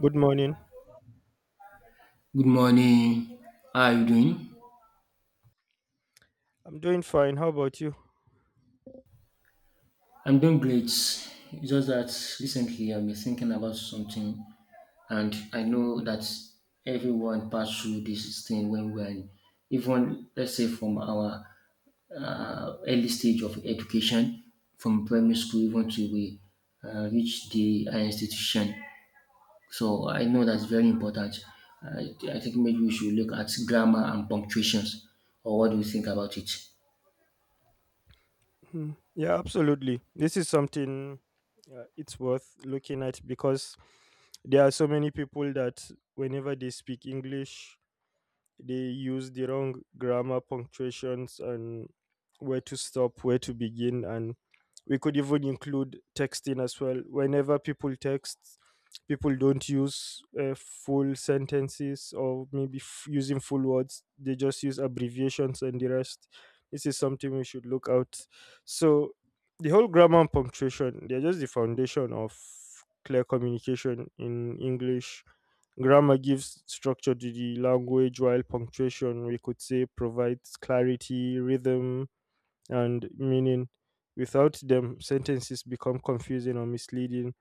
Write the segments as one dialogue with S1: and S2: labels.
S1: Good morning.
S2: Good morning. How are you doing?
S1: I'm doing fine. How about you?
S2: I'm doing great. It's just that recently I've been thinking about something, and I know that everyone passed through this thing when we are, even let's say from our early stage of education, from primary school even to we reach the higher institution. So I know that's very important. I think maybe we should look at grammar and punctuations, or what do you think about it?
S1: Hmm. Yeah, absolutely. This is something it's worth looking at because there are so many people that whenever they speak English, they use the wrong grammar punctuations and where to stop where to begin, and we could even include texting as well. Whenever people text, people don't use full sentences, or maybe using full words they just use abbreviations and the rest. This is something we should look out. So the whole grammar and punctuation, they're just the foundation of clear communication in English. Grammar gives structure to the language, while punctuation, we could say, provides clarity, rhythm, and meaning. Without them, sentences become confusing or misleading,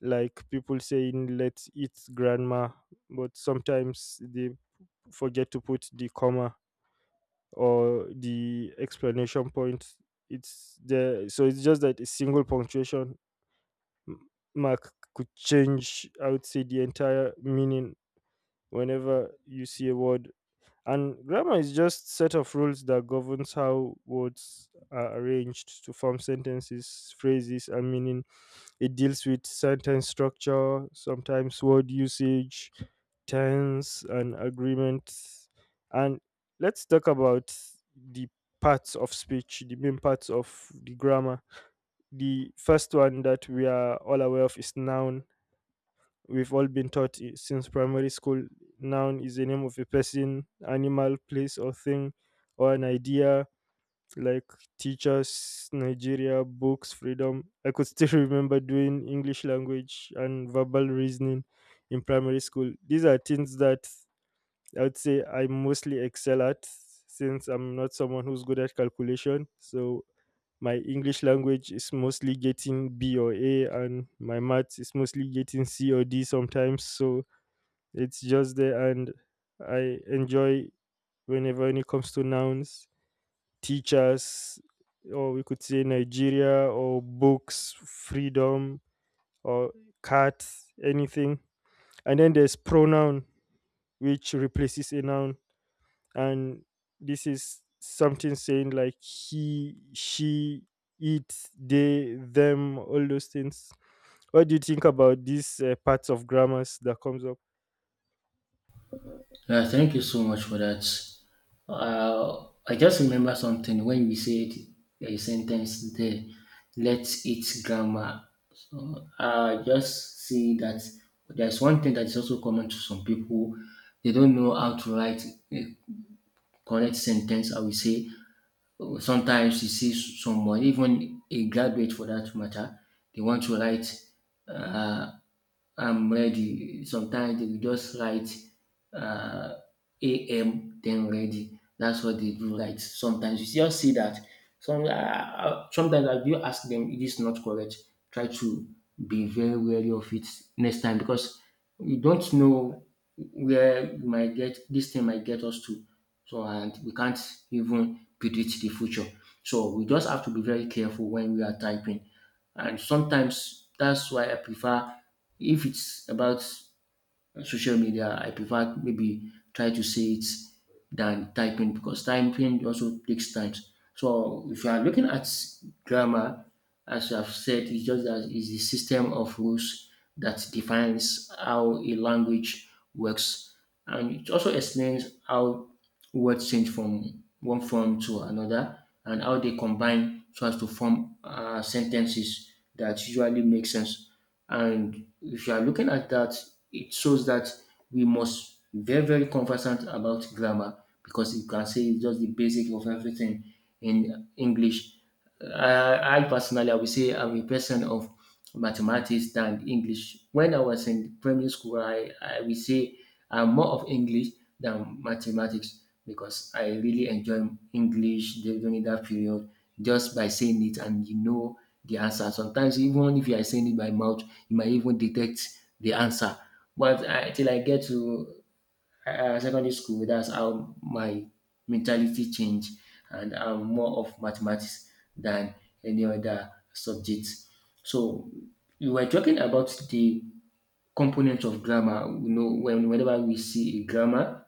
S1: like people saying, "Let's eat grandma," but sometimes they forget to put the comma or the explanation point. It's there, so it's just that a single punctuation m- mark could change, I would say, the entire meaning whenever you see a word. And grammar is just set of rules that governs how words are arranged to form sentences, phrases, and meaning. It deals with sentence structure, sometimes word usage, tense, and agreement. And let's talk about the parts of speech, the main parts of the grammar. The first one that we are all aware of is noun. We've all been taught since primary school. Noun is the name of a person, animal, place, or thing, or an idea. Like teachers, Nigeria, books, freedom. I could still remember doing English language and verbal reasoning in primary school. These are things that I would say I mostly excel at, since I'm not someone who's good at calculation. So my English language is mostly getting B or A, and my maths is mostly getting C or D sometimes. So it's just there, and I enjoy whenever when it comes to nouns, teachers, or we could say Nigeria, or books, freedom, or cats, anything. And then there's pronoun, which replaces a noun. And this is something saying like he, she, it, they, them, all those things. What do you think about these parts of grammars that comes up?
S2: Yeah, thank you so much for that. I just remember something when you said a sentence there, let it grammar. So I just see that there's one thing that is also common to some people. They don't know how to write a correct sentence. I will say sometimes you see someone, even a graduate for that matter, they want to write, uh, I'm ready. Sometimes they will just write, uh, AM then ready. That's what they do right. Sometimes you just see that. Sometimes I do ask them, it is not correct. Try to be very wary of it next time because we don't know where we might get this thing might get us to. So and we can't even predict the future. So we just have to be very careful when we are typing. And sometimes that's why I prefer if it's about social media, I prefer maybe try to say it than typing because typing also takes time. So if you are looking at grammar, as I've said, it's just that it's the system of rules that defines how a language works, and it also explains how words change from one form to another and how they combine so as to form sentences that usually make sense. And if you are looking at that, it shows that we must be very, very conversant about grammar because you can say it's just the basic of everything in English. I personally, I would say I'm a person of mathematics than English. When I was in primary school, I will say I'm more of English than mathematics because I really enjoy English during that period just by saying it and you know the answer. Sometimes even if you are saying it by mouth, you might even detect the answer. But I, till I get to secondary school. That's how my mentality changed, and I'm more of mathematics than any other subject. So you were talking about the components of grammar. You know, whenever we see a grammar,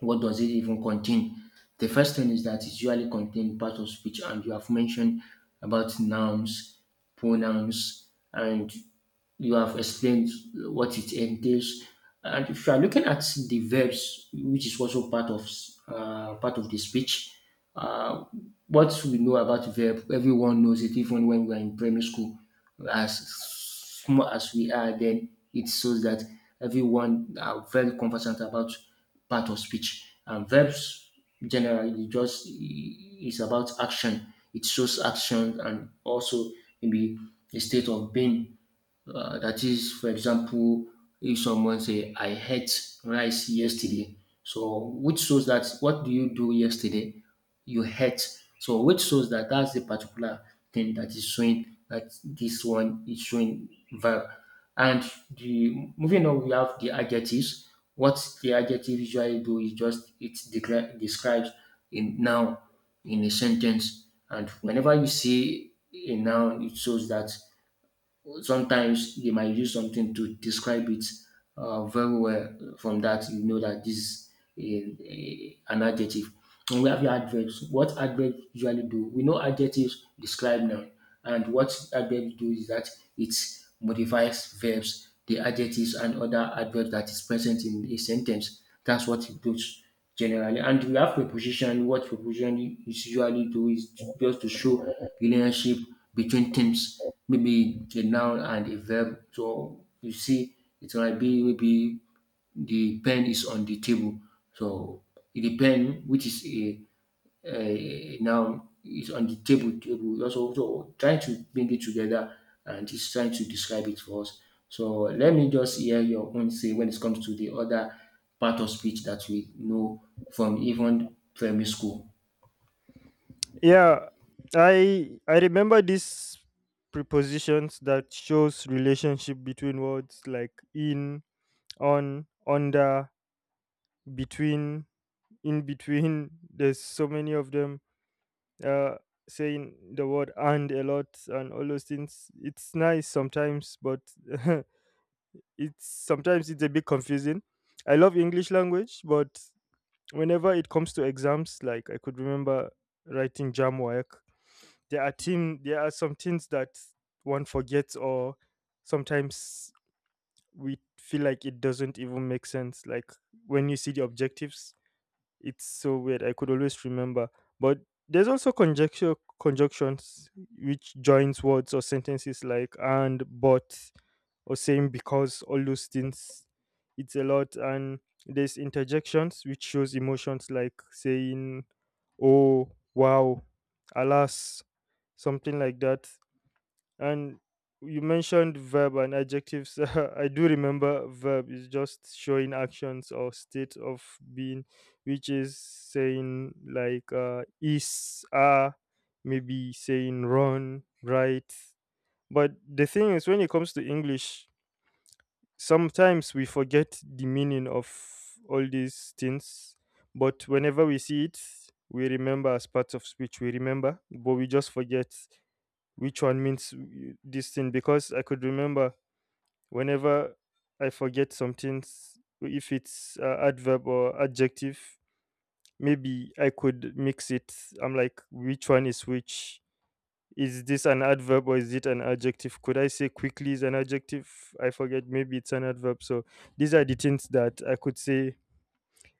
S2: what does it even contain? The first thing is that it usually contains part of speech, and you have mentioned about nouns, pronouns, and you have explained what it entails. And if you are looking at the verbs, which is also part of the speech, uh, what we know about verb, everyone knows it even when we are in primary school. As small as we are, then it shows that everyone are very conversant about part of speech. And verbs generally just is about action. It shows action and also maybe a state of being that is, for example, if someone say, "I ate rice yesterday," so which shows that what do you do yesterday? You ate. So which shows that that's the particular thing that is showing that this one is showing verb. And the moving on, we have the adjectives. What the adjective usually do is just it describes a noun in a sentence. And whenever you see a noun, it shows that sometimes they might use something to describe it very well. From that, you know that this is an adjective. And we have your adverbs. What adverbs usually do? We know adjectives describe noun, and what adverbs do is that it modifies verbs, the adjectives and other adverbs that is present in a sentence. That's what it does generally. And we have preposition. What preposition is usually do is just to show relationship between terms maybe a noun and a verb. So you see, it might be maybe the pen is on the table. So the pen, which is a noun, is on the table. Table also so trying to bring it together and is trying to describe it for us. So let me just hear your own say when it comes to the other part of speech that we know from even primary school.
S1: Yeah, I remember these prepositions that shows relationship between words like in, on, under, between, in between. There's so many of them. Uh, Saying the word and a lot and all those things. It's nice sometimes, but it's sometimes it's a bit confusing. I love English language, but whenever it comes to exams, like I could remember writing jam work, there are team there are some things that one forgets, or sometimes we feel like it doesn't even make sense, like when you see the objectives, it's so weird. I could always remember, but there's also conjecture conjunctions, which joins words or sentences like and, but, or saying because, all those things. It's a lot. And there's interjections, which shows emotions like saying oh, wow, alas, something like that. And you mentioned verb and adjectives. I do remember verb is just showing actions or state of being, which is saying like is, are, maybe saying run, right? But the thing is when it comes to English, sometimes we forget the meaning of all these things, but whenever we see it, we remember as part of speech, we remember, but we just forget which one means this thing. Because I could remember whenever I forget something, if it's adverb or adjective, maybe I could mix it. I'm like, which one is which? Is this an adverb or is it an adjective? Could I say quickly is an adjective? I forget. Maybe it's an adverb. So these are the things that I could say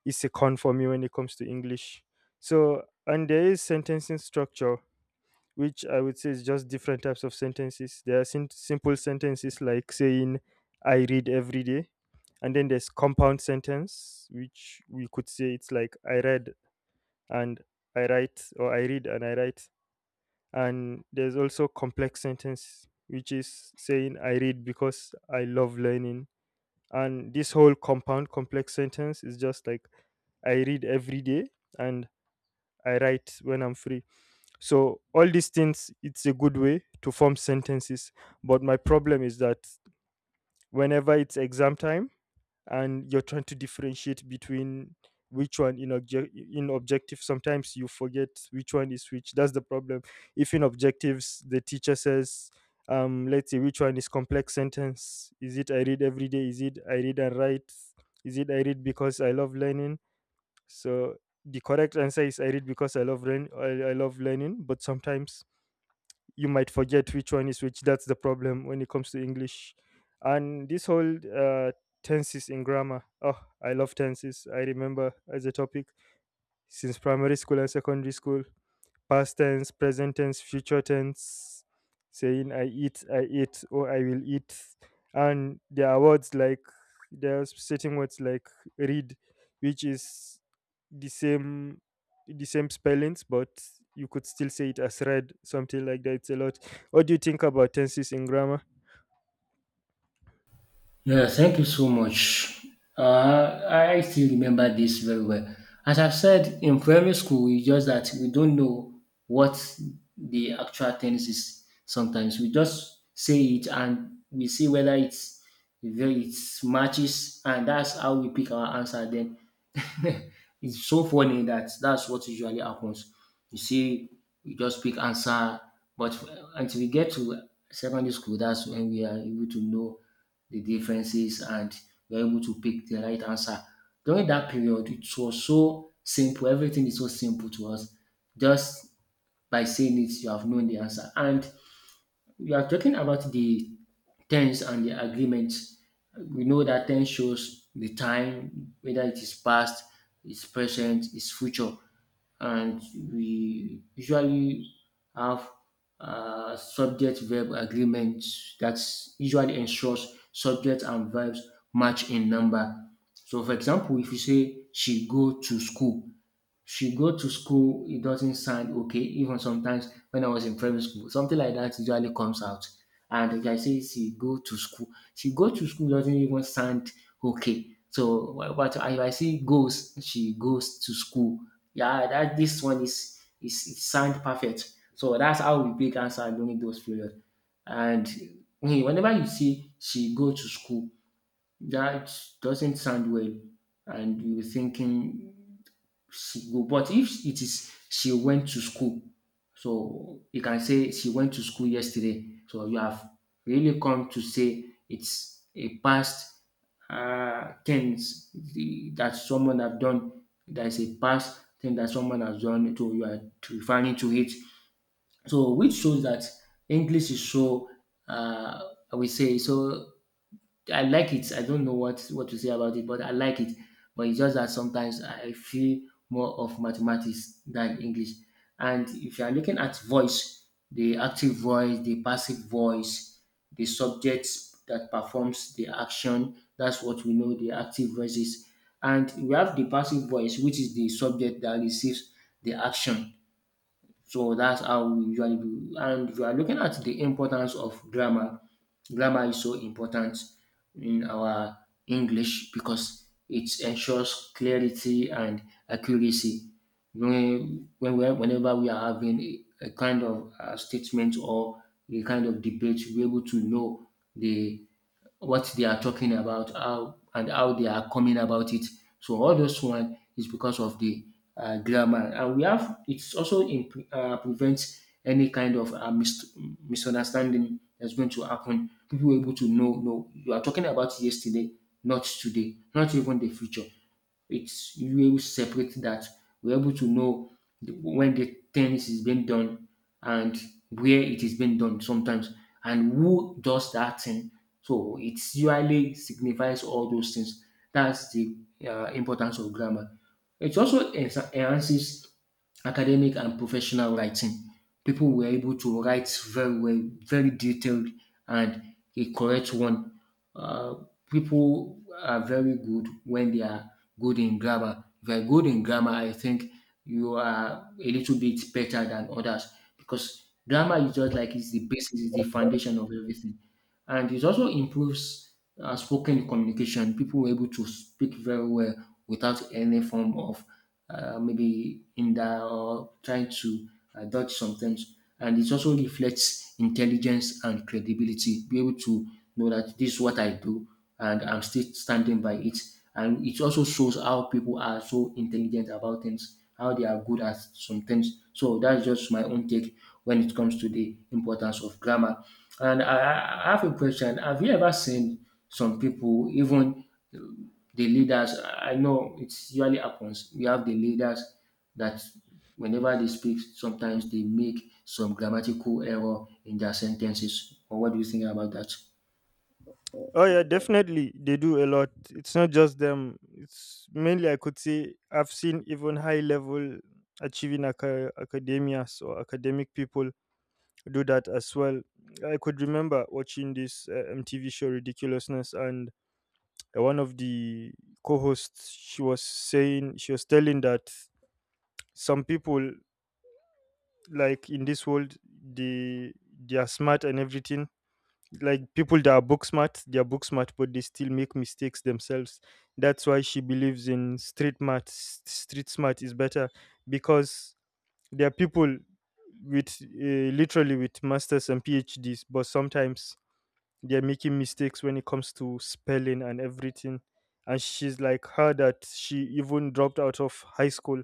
S1: is a con for me when it comes to English. So, and there is sentencing structure, which I would say is just different types of sentences. There are simple sentences like saying, I read every day. And then there's compound sentence, which we could say it's like I read and I write, or I read and I write. And there's also complex sentence, which is saying I read because I love learning. And this whole compound complex sentence is just like I read every day and I write when I'm free. So all these things, it's a good way to form sentences. But my problem is that whenever it's exam time and you're trying to differentiate between which one in, in objective, sometimes you forget which one is which. That's the problem. If in objectives the teacher says, let's say which one is complex sentence, is it I read every day, is it I read and write, is it I read because I love learning? So the correct answer is I read because I love I love learning, but sometimes you might forget which one is which. That's the problem when it comes to English. And this whole tenses in grammar. Oh, I love tenses. I remember as a topic since primary school and secondary school, past tense, present tense, future tense, saying I eat, or I will eat. And there are words like, there are certain words like read, which is the same the same spellings, but you could still say it as read, something like that. It's a lot. What do you think about tenses in grammar?
S2: Yeah, thank you so much. I still remember this very well. As I've said, in primary school, it's just that we don't know what the actual tennis is sometimes. We just say it and we see whether it's then it matches, and that's how we pick our answer then. It's so funny that that's what usually happens. You see, we just pick answer, but until we get to secondary school, that's when we are able to know the differences and we're able to pick the right answer. During that period, it was so simple. Everything is so simple to us. Just by saying it, you have known the answer. And we are talking about the tense and the agreement. We know that tense shows the time, whether it is past, it's present, it's future, and we usually have subject verb agreement that usually ensures subject and verbs match in number. So, for example, if you say she go to school, she go to school, it doesn't sound okay. Even sometimes when I was in primary school, something like that usually comes out. And like I say she go to school. She go to school doesn't even sound okay. But if I say goes, she goes to school. Yeah, that this one is it sound perfect. So that's how we pick answer during those period. And eh, whenever you see she go to school, that doesn't sound well, and you're thinking she go. But if it is she went to school, so you can say she went to school yesterday. So you have really come to say it's a past tense that someone have done. There is a past thing that someone has done. So you are referring to it. So which shows that English is so uh, I would say so I like it. I don't know what to say about it, but I like it. But it's just that sometimes I feel more of mathematics than English. And if you are looking at voice, the active voice, the passive voice, the subject that performs the action, that's what we know the active voice is. And we have the passive voice, which is the subject that receives the action. So that's how we usually do. And if you are looking at the importance of grammar, grammar is so important in our English because it ensures clarity and accuracy. When we are- whenever we are having a kind of statement or a kind of debate, we're able to know the what they are talking about, how and how they are coming about it. So all those one is because of the grammar, and we have it's also in, prevents any kind of misunderstanding that's going to happen. People are able to know, no, you are talking about yesterday, not today, not even the future it's you will separate that. We're able to know when the things is being done and where it is being done sometimes and who does that thing. So it usually signifies all those things. That's the importance of grammar. It also enhances academic and professional writing. People were able to write very well, very detailed and a correct one. Uh, people are very good when they are good in grammar. If you're good in grammar, I think you are a little bit better than others because grammar is just like it's the basis, it's the foundation of everything, and it also improves spoken communication. People were able to speak very well without any form of maybe hinder or trying to dodge some things. And it also reflects intelligence and credibility. Be able to know that this is what I do and I'm still standing by it. And it also shows how people are so intelligent about things, how they are good at some things. So that's just my own take when it comes to the importance of grammar. And I have a question. Have you ever seen some people, even the leaders? I know it usually happens. We have the leaders that whenever they speak, sometimes they make some grammatical error in their sentences. Or what do you think about that?
S1: Oh yeah, definitely they do a lot. It's not just them. It's mainly I could say I've seen even high level achieving academias or academic people do that as well. I could remember watching this MTV show Ridiculousness, and one of the co-hosts, she was saying, she was telling that some people like in this world, they are smart and everything, like people that are book smart, they are book smart, but they still make mistakes themselves. That's why she believes in street smart. Street smart is better because there are people with literally with masters and PhDs, but sometimes they are making mistakes when it comes to spelling and everything. And she's like her that she even dropped out of high school,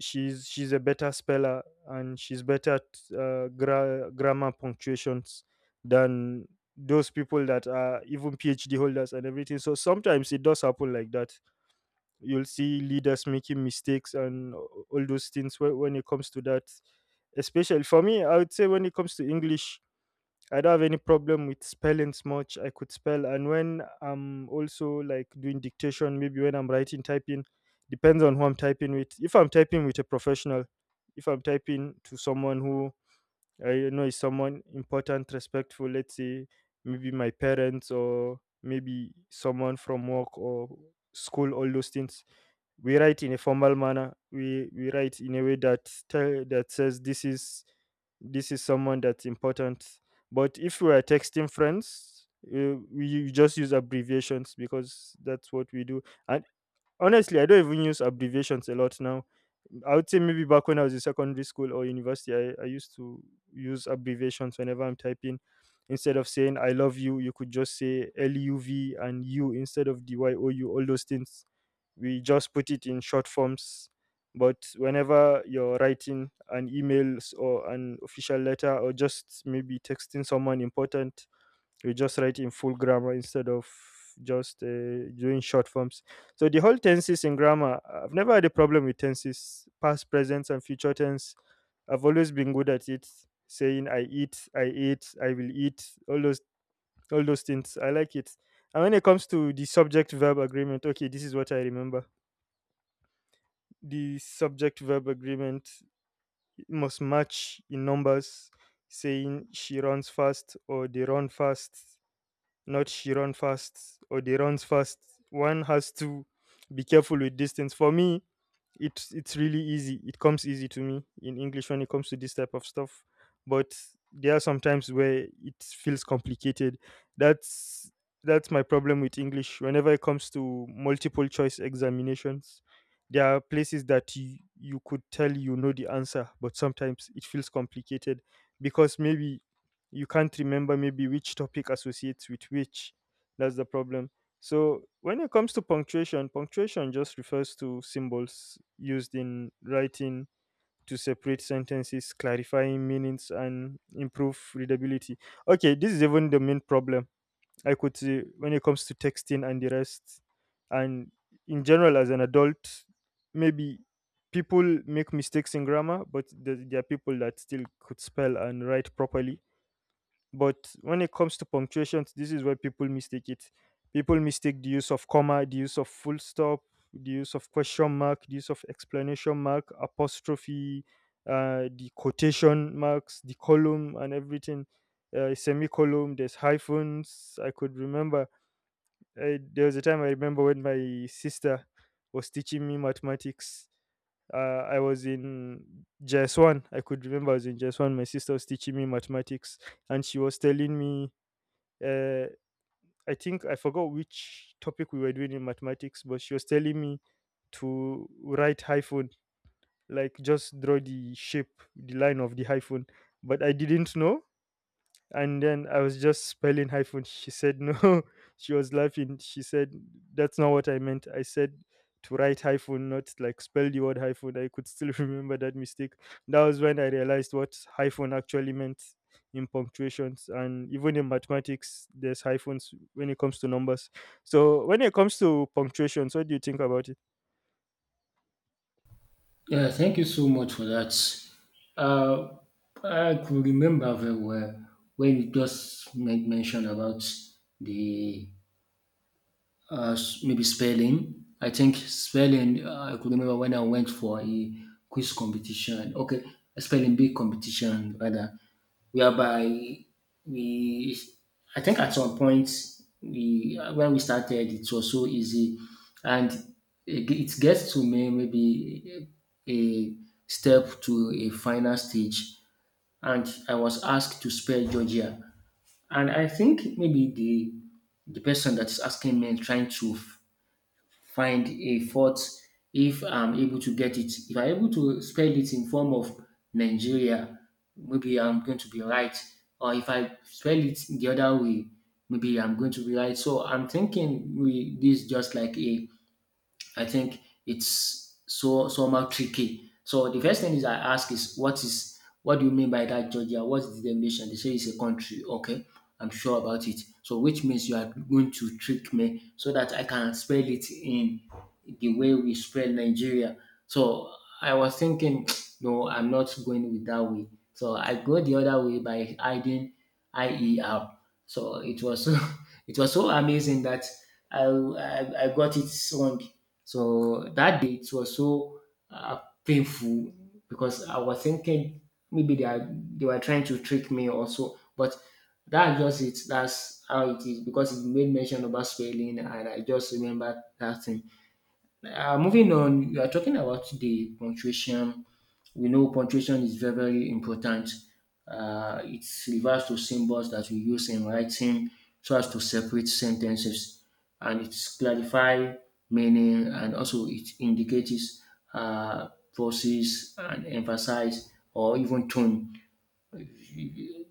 S1: she's a better speller, and she's better at grammar punctuations than those people that are even PhD holders and everything. So sometimes it does happen like that. You'll see leaders making mistakes and all those things when it comes to that, especially for me. I would say when it comes to English, I don't have any problem with spellings much. I could spell, and when I'm also like doing dictation, maybe when I'm writing, typing, depends on who I'm typing with. If I'm typing with a professional, if I'm typing to someone who I know it's someone important, respectful, let's say maybe my parents or maybe someone from work or school, all those things. We write in a formal manner. We write in a way that tell that says this is someone that's important. But if we are texting friends, we just use abbreviations because that's what we do. And honestly, I don't even use abbreviations a lot now. I would say maybe back when I was in secondary school or university, I used to use abbreviations whenever I'm typing. Instead of saying I love you, you could just say LUV and U instead of DYOU, all those things. We just put it in short forms. But whenever you're writing an email or an official letter or just maybe texting someone important, we just write in full grammar instead of just doing short forms. So the whole tenses in grammar, I've never had a problem with tenses past, present, and future tense. I've always been good at it, saying I eat, I ate, I will eat, all those things I like it. And when it comes to the subject verb agreement, okay, this is what I remember. The subject verb agreement must match in numbers, saying she runs fast or they run fast, not she run fast or they runs fast. One has to be careful with distance. For me, it's really easy, it comes easy to me in English when it comes to this type of stuff. But there are some times where it feels complicated. that's that's my problem with English whenever it comes to multiple choice examinations. There are places that you could tell you know the answer, but sometimes it feels complicated because maybe you can't remember maybe which topic associates with which. That's the problem. So when it comes to punctuation, punctuation just refers to symbols used in writing to separate sentences, clarifying meanings, and improve readability. Okay, this is even the main problem I could see when it comes to texting and the rest. And in general, as an adult, maybe people make mistakes in grammar, but there are people that still could spell and write properly. But when it comes to punctuations, this is where people mistake it. People mistake the use of comma, the use of full stop, the use of question mark, the use of explanation mark, apostrophe, the quotation marks, the column, and everything. Semicolon, there's hyphens. I could remember. There was a time I remember when my sister was teaching me mathematics. I was in JS1. I could remember I was in JS1. My sister was teaching me mathematics, and she was telling me uh, I think I forgot which topic we were doing in mathematics, but she was telling me to write hyphen, like just draw the shape, the line of the hyphen. But I didn't know, and then I was just spelling hyphen. She said no. She was laughing. She said that's not what I meant. I said to write hyphen, not like spell the word hyphen. I could still remember that mistake. That was when I realized what hyphen actually meant in punctuations, and even in mathematics there's hyphens when it comes to numbers. So when it comes to punctuations, what do you think about it?
S2: Yeah, thank you so much for that. Uh, I could remember very well when you just made mention about the maybe spelling. I think spelling. I could remember when I went for a quiz competition. Okay, a spelling bee competition rather, whereby we. I think at some point we when we started it was so easy, and it, it gets to me maybe a step to a final stage, and I was asked to spell Georgia. And I think maybe the person that's asking me is trying to find a fault if I'm able to get it. If I'm able to spell it in form of Nigeria, maybe I'm going to be right. Or if I spell it the other way, maybe I'm going to be right. So I'm thinking we this is just like a I think it's so somehow tricky. So the first thing is I ask is what do you mean by that Georgia? What's the definition? They say it's a country. Okay, I'm sure about it. So which means you are going to trick me so that I can spell it in the way we spell Nigeria. So I was thinking, no, I'm not going with that way. So I go the other way by adding IER. So it was so it was so amazing that I got it wrong. So that day it was so uh, painful, because I was thinking maybe they were trying to trick me also, but that's just it. That's how it is, because it made mention about spelling, and I just remember that thing. Moving on, we are talking about the punctuation. We know punctuation is very, very important. It refers to symbols that we use in writing so as to separate sentences, and it clarify meaning, and also it indicates uh, process and emphasize or even tone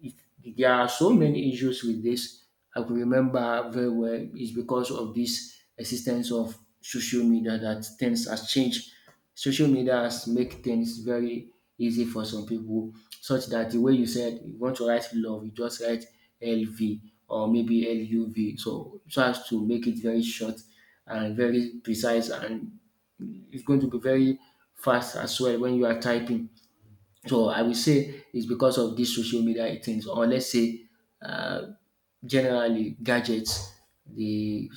S2: it, there are so many issues with this. I could remember very well is because of this existence of social media that things has changed. Social media has make things very easy for some people, such that the way you said you want to write love, you just write LV or maybe LUV, so as to make it very short and very precise, and it's going to be very fast as well when you are typing. So I will say it's because of these social media things, or let's say uh, generally gadgets, the,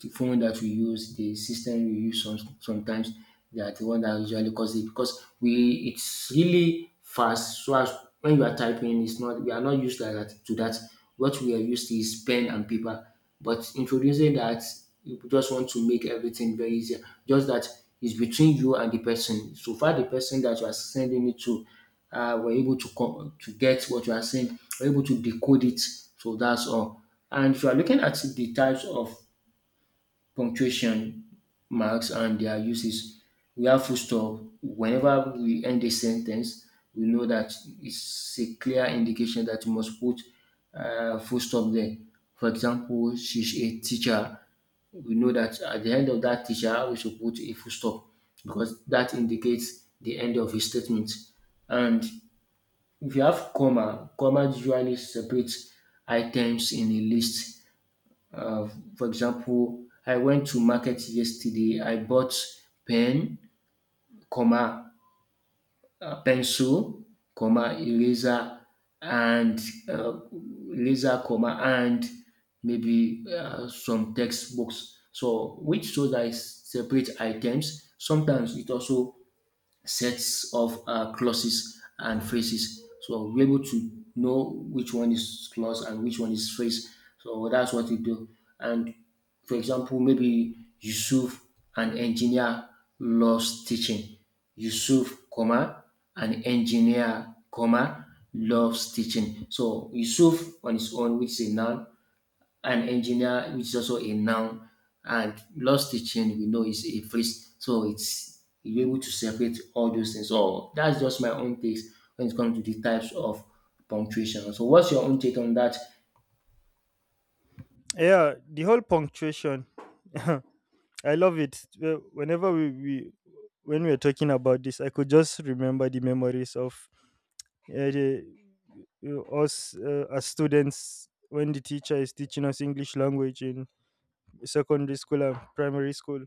S2: the phone that we use, the system we use sometimes, they are the one that usually cause it because we it's really fast. So as when you are typing, it's not we are not used like that to that. What we are used to is pen and paper. But introducing that, you just want to make everything very easier. Just that it's between you and the person. So far, the person that you are sending it to were able to to get what you are saying, were able to decode it. So that's all. And if you are looking at the types of punctuation marks and their uses, we have full stop. Whenever we end a sentence, we know that it's a clear indication that you must put full stop there. For example, she's a teacher. We know that at the end of that teacher, we should put a full stop because that indicates the end of his statement. And if you have comma, comma usually separates items in a list. Uh, for example, I went to market yesterday. I bought pen, comma, pencil, comma, and uh, eraser, comma, and maybe some textbooks. So which shows that it separates items. Sometimes it also sets of clauses and phrases. So we're able to know which one is clause and which one is phrase. So that's what we do. And for example, maybe Yusuf, an engineer, loves teaching. Yusuf, comma, an engineer, comma, loves teaching. So Yusuf on his own, which is a noun, an engineer, which is also a noun, and lost teaching we know is a phrase. So it's you're able to separate all those things. So that's just my own take when it comes to the types of punctuation. So what's your own take on that?
S1: Yeah, the whole punctuation. I love it. Whenever we when we were talking about this, I could just remember the memories of uh, the, us as students when the teacher is teaching us English language in secondary school and primary school.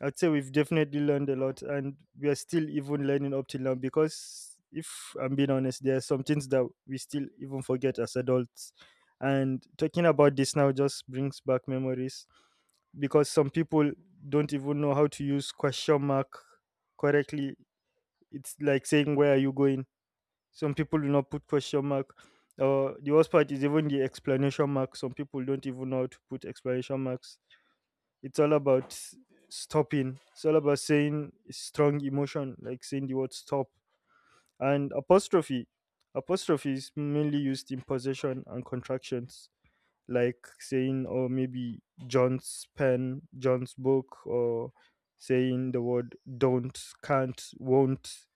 S1: I'd say we've definitely learned a lot, and we are still even learning up till now because, if I'm being honest, there are some things that we still even forget as adults. And talking about this now just brings back memories because some people don't even know how to use question mark correctly. It's like saying, "Where are you going?" Some people do not put question mark. Or the worst part is even the explanation mark. Some people don't even know how to put explanation marks. It's all about stopping, it's all about saying strong emotion, like saying the word stop. And apostrophe, apostrophe is mainly used in possession and contractions, like saying, or maybe, John's pen, John's book, or saying the word don't, can't, won't.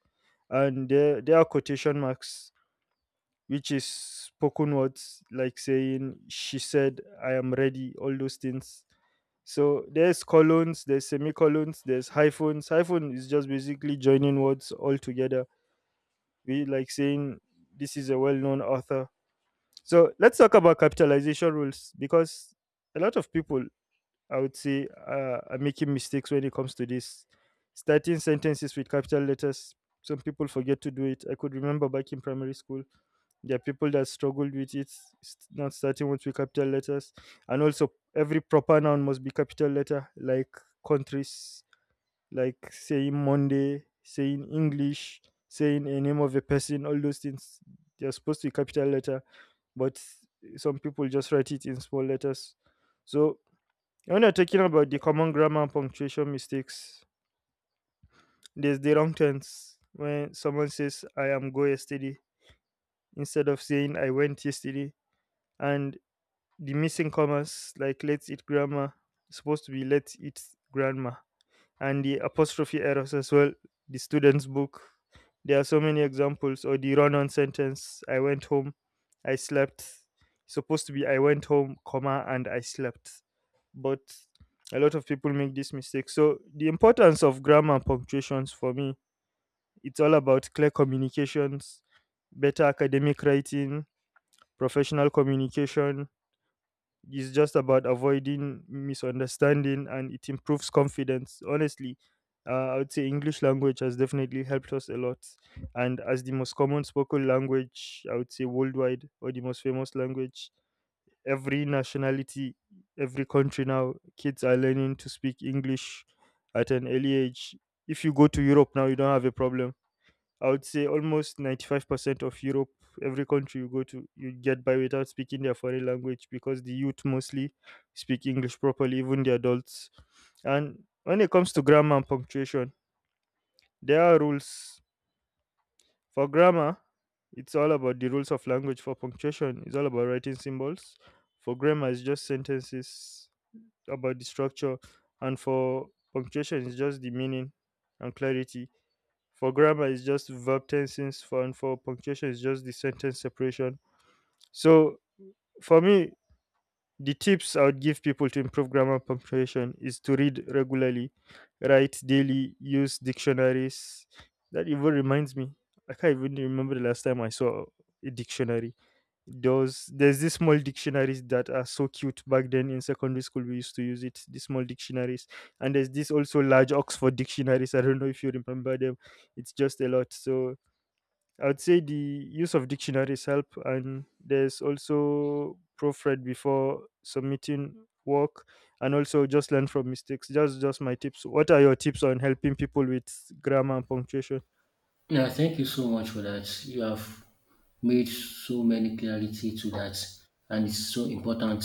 S1: And there are quotation marks, which is spoken words, like saying she said I am ready, all those things. So there's colons, there's semicolons, there's hyphens. Hyphen is just basically joining words all together, we like saying this is a well-known author. So let's talk about capitalization rules, because a lot of people, I would say, are making mistakes when it comes to this. Starting sentences with capital letters, some people forget to do it. I could remember back in primary school, there are people that struggled with it, not starting with capital letters. And also, every proper noun must be capital letter, like countries, like saying Monday, saying English, saying a name of a person, all those things. They're supposed to be capital letter, but some people just write it in small letters. So when you're talking about the common grammar and punctuation mistakes, there's the wrong tense when someone says I am go yesterday instead of saying I went yesterday, and the missing commas like let's eat grandma is supposed to be let's eat, grandma. And the apostrophe errors as well, the student's book. There are so many examples, or the run on sentence I went home, I slept. It's supposed to be I went home, comma, and I slept. But a lot of people make this mistake. So the importance of grammar and punctuations for me, it's all about clear communications, better academic writing, professional communication, it's just about avoiding misunderstanding, and it improves confidence. Honestly, I would say English language has definitely helped us a lot. And as the most common spoken language, I would say worldwide, or the most famous language, every nationality, every country now, kids are learning to speak English at an early age. If you go to Europe now, you don't have a problem. I would say almost 95% of Europe, every country you go to, you get by without speaking their foreign language because the youth mostly speak English properly, even the adults. And when it comes to grammar and punctuation, there are rules. For grammar, it's all about the rules of language. For punctuation, it's all about writing symbols. For grammar, it's just sentences about the structure. And for punctuation, it's just the meaning and clarity. For grammar, it's just verb tenses. For, and for punctuation, it's just the sentence separation. So for me, the tips I would give people to improve grammar and punctuation is to read regularly, write daily, use dictionaries. That even reminds me. I can't even remember the last time I saw a dictionary. Those, there's these small dictionaries that are so cute back then in secondary school. We used to use it, these small dictionaries. And there's this also large Oxford dictionaries. I don't know if you remember them. It's just a lot. So I'd say the use of dictionaries help, and there's also proofread before submitting work, and also just learn from mistakes. Just my tips. What are your tips on helping people with grammar and punctuation?
S2: Yeah, thank you so much for that. You have made so many clarity to that, and it's so important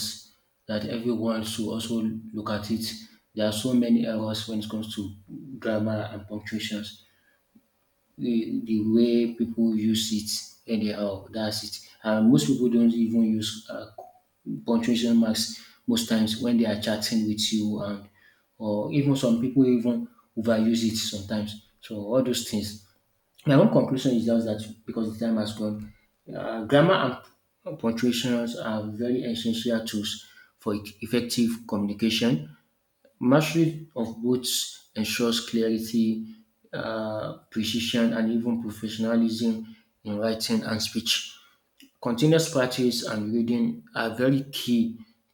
S2: that everyone should also look at it. There are so many errors when it comes to grammar and punctuations. The way people use it anyhow. That's it. And most people don't even use punctuation marks most times when they are chatting with you, and or even some people even overuse it sometimes. So all those things. My own conclusion is just that because the time has gone, grammar and punctuations are very essential tools for effective communication. Mastery of both ensures clarity, precision, and even professionalism in writing and speech. Continuous practice and reading are very key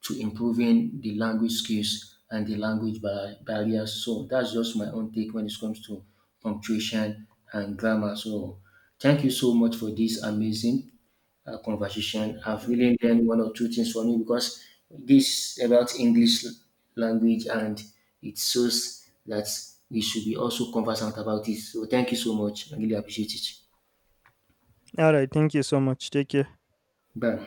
S2: to improving the language skills and the language barriers. So that's just my own take when it comes to punctuation and grammar. So thank you so much for this amazing conversation. I've really learned one or two things from you, because this about English language, and it shows that we should be also conversant about it. So thank you so much. I really appreciate it.
S1: All right, thank you so much. Take care.
S2: Bye.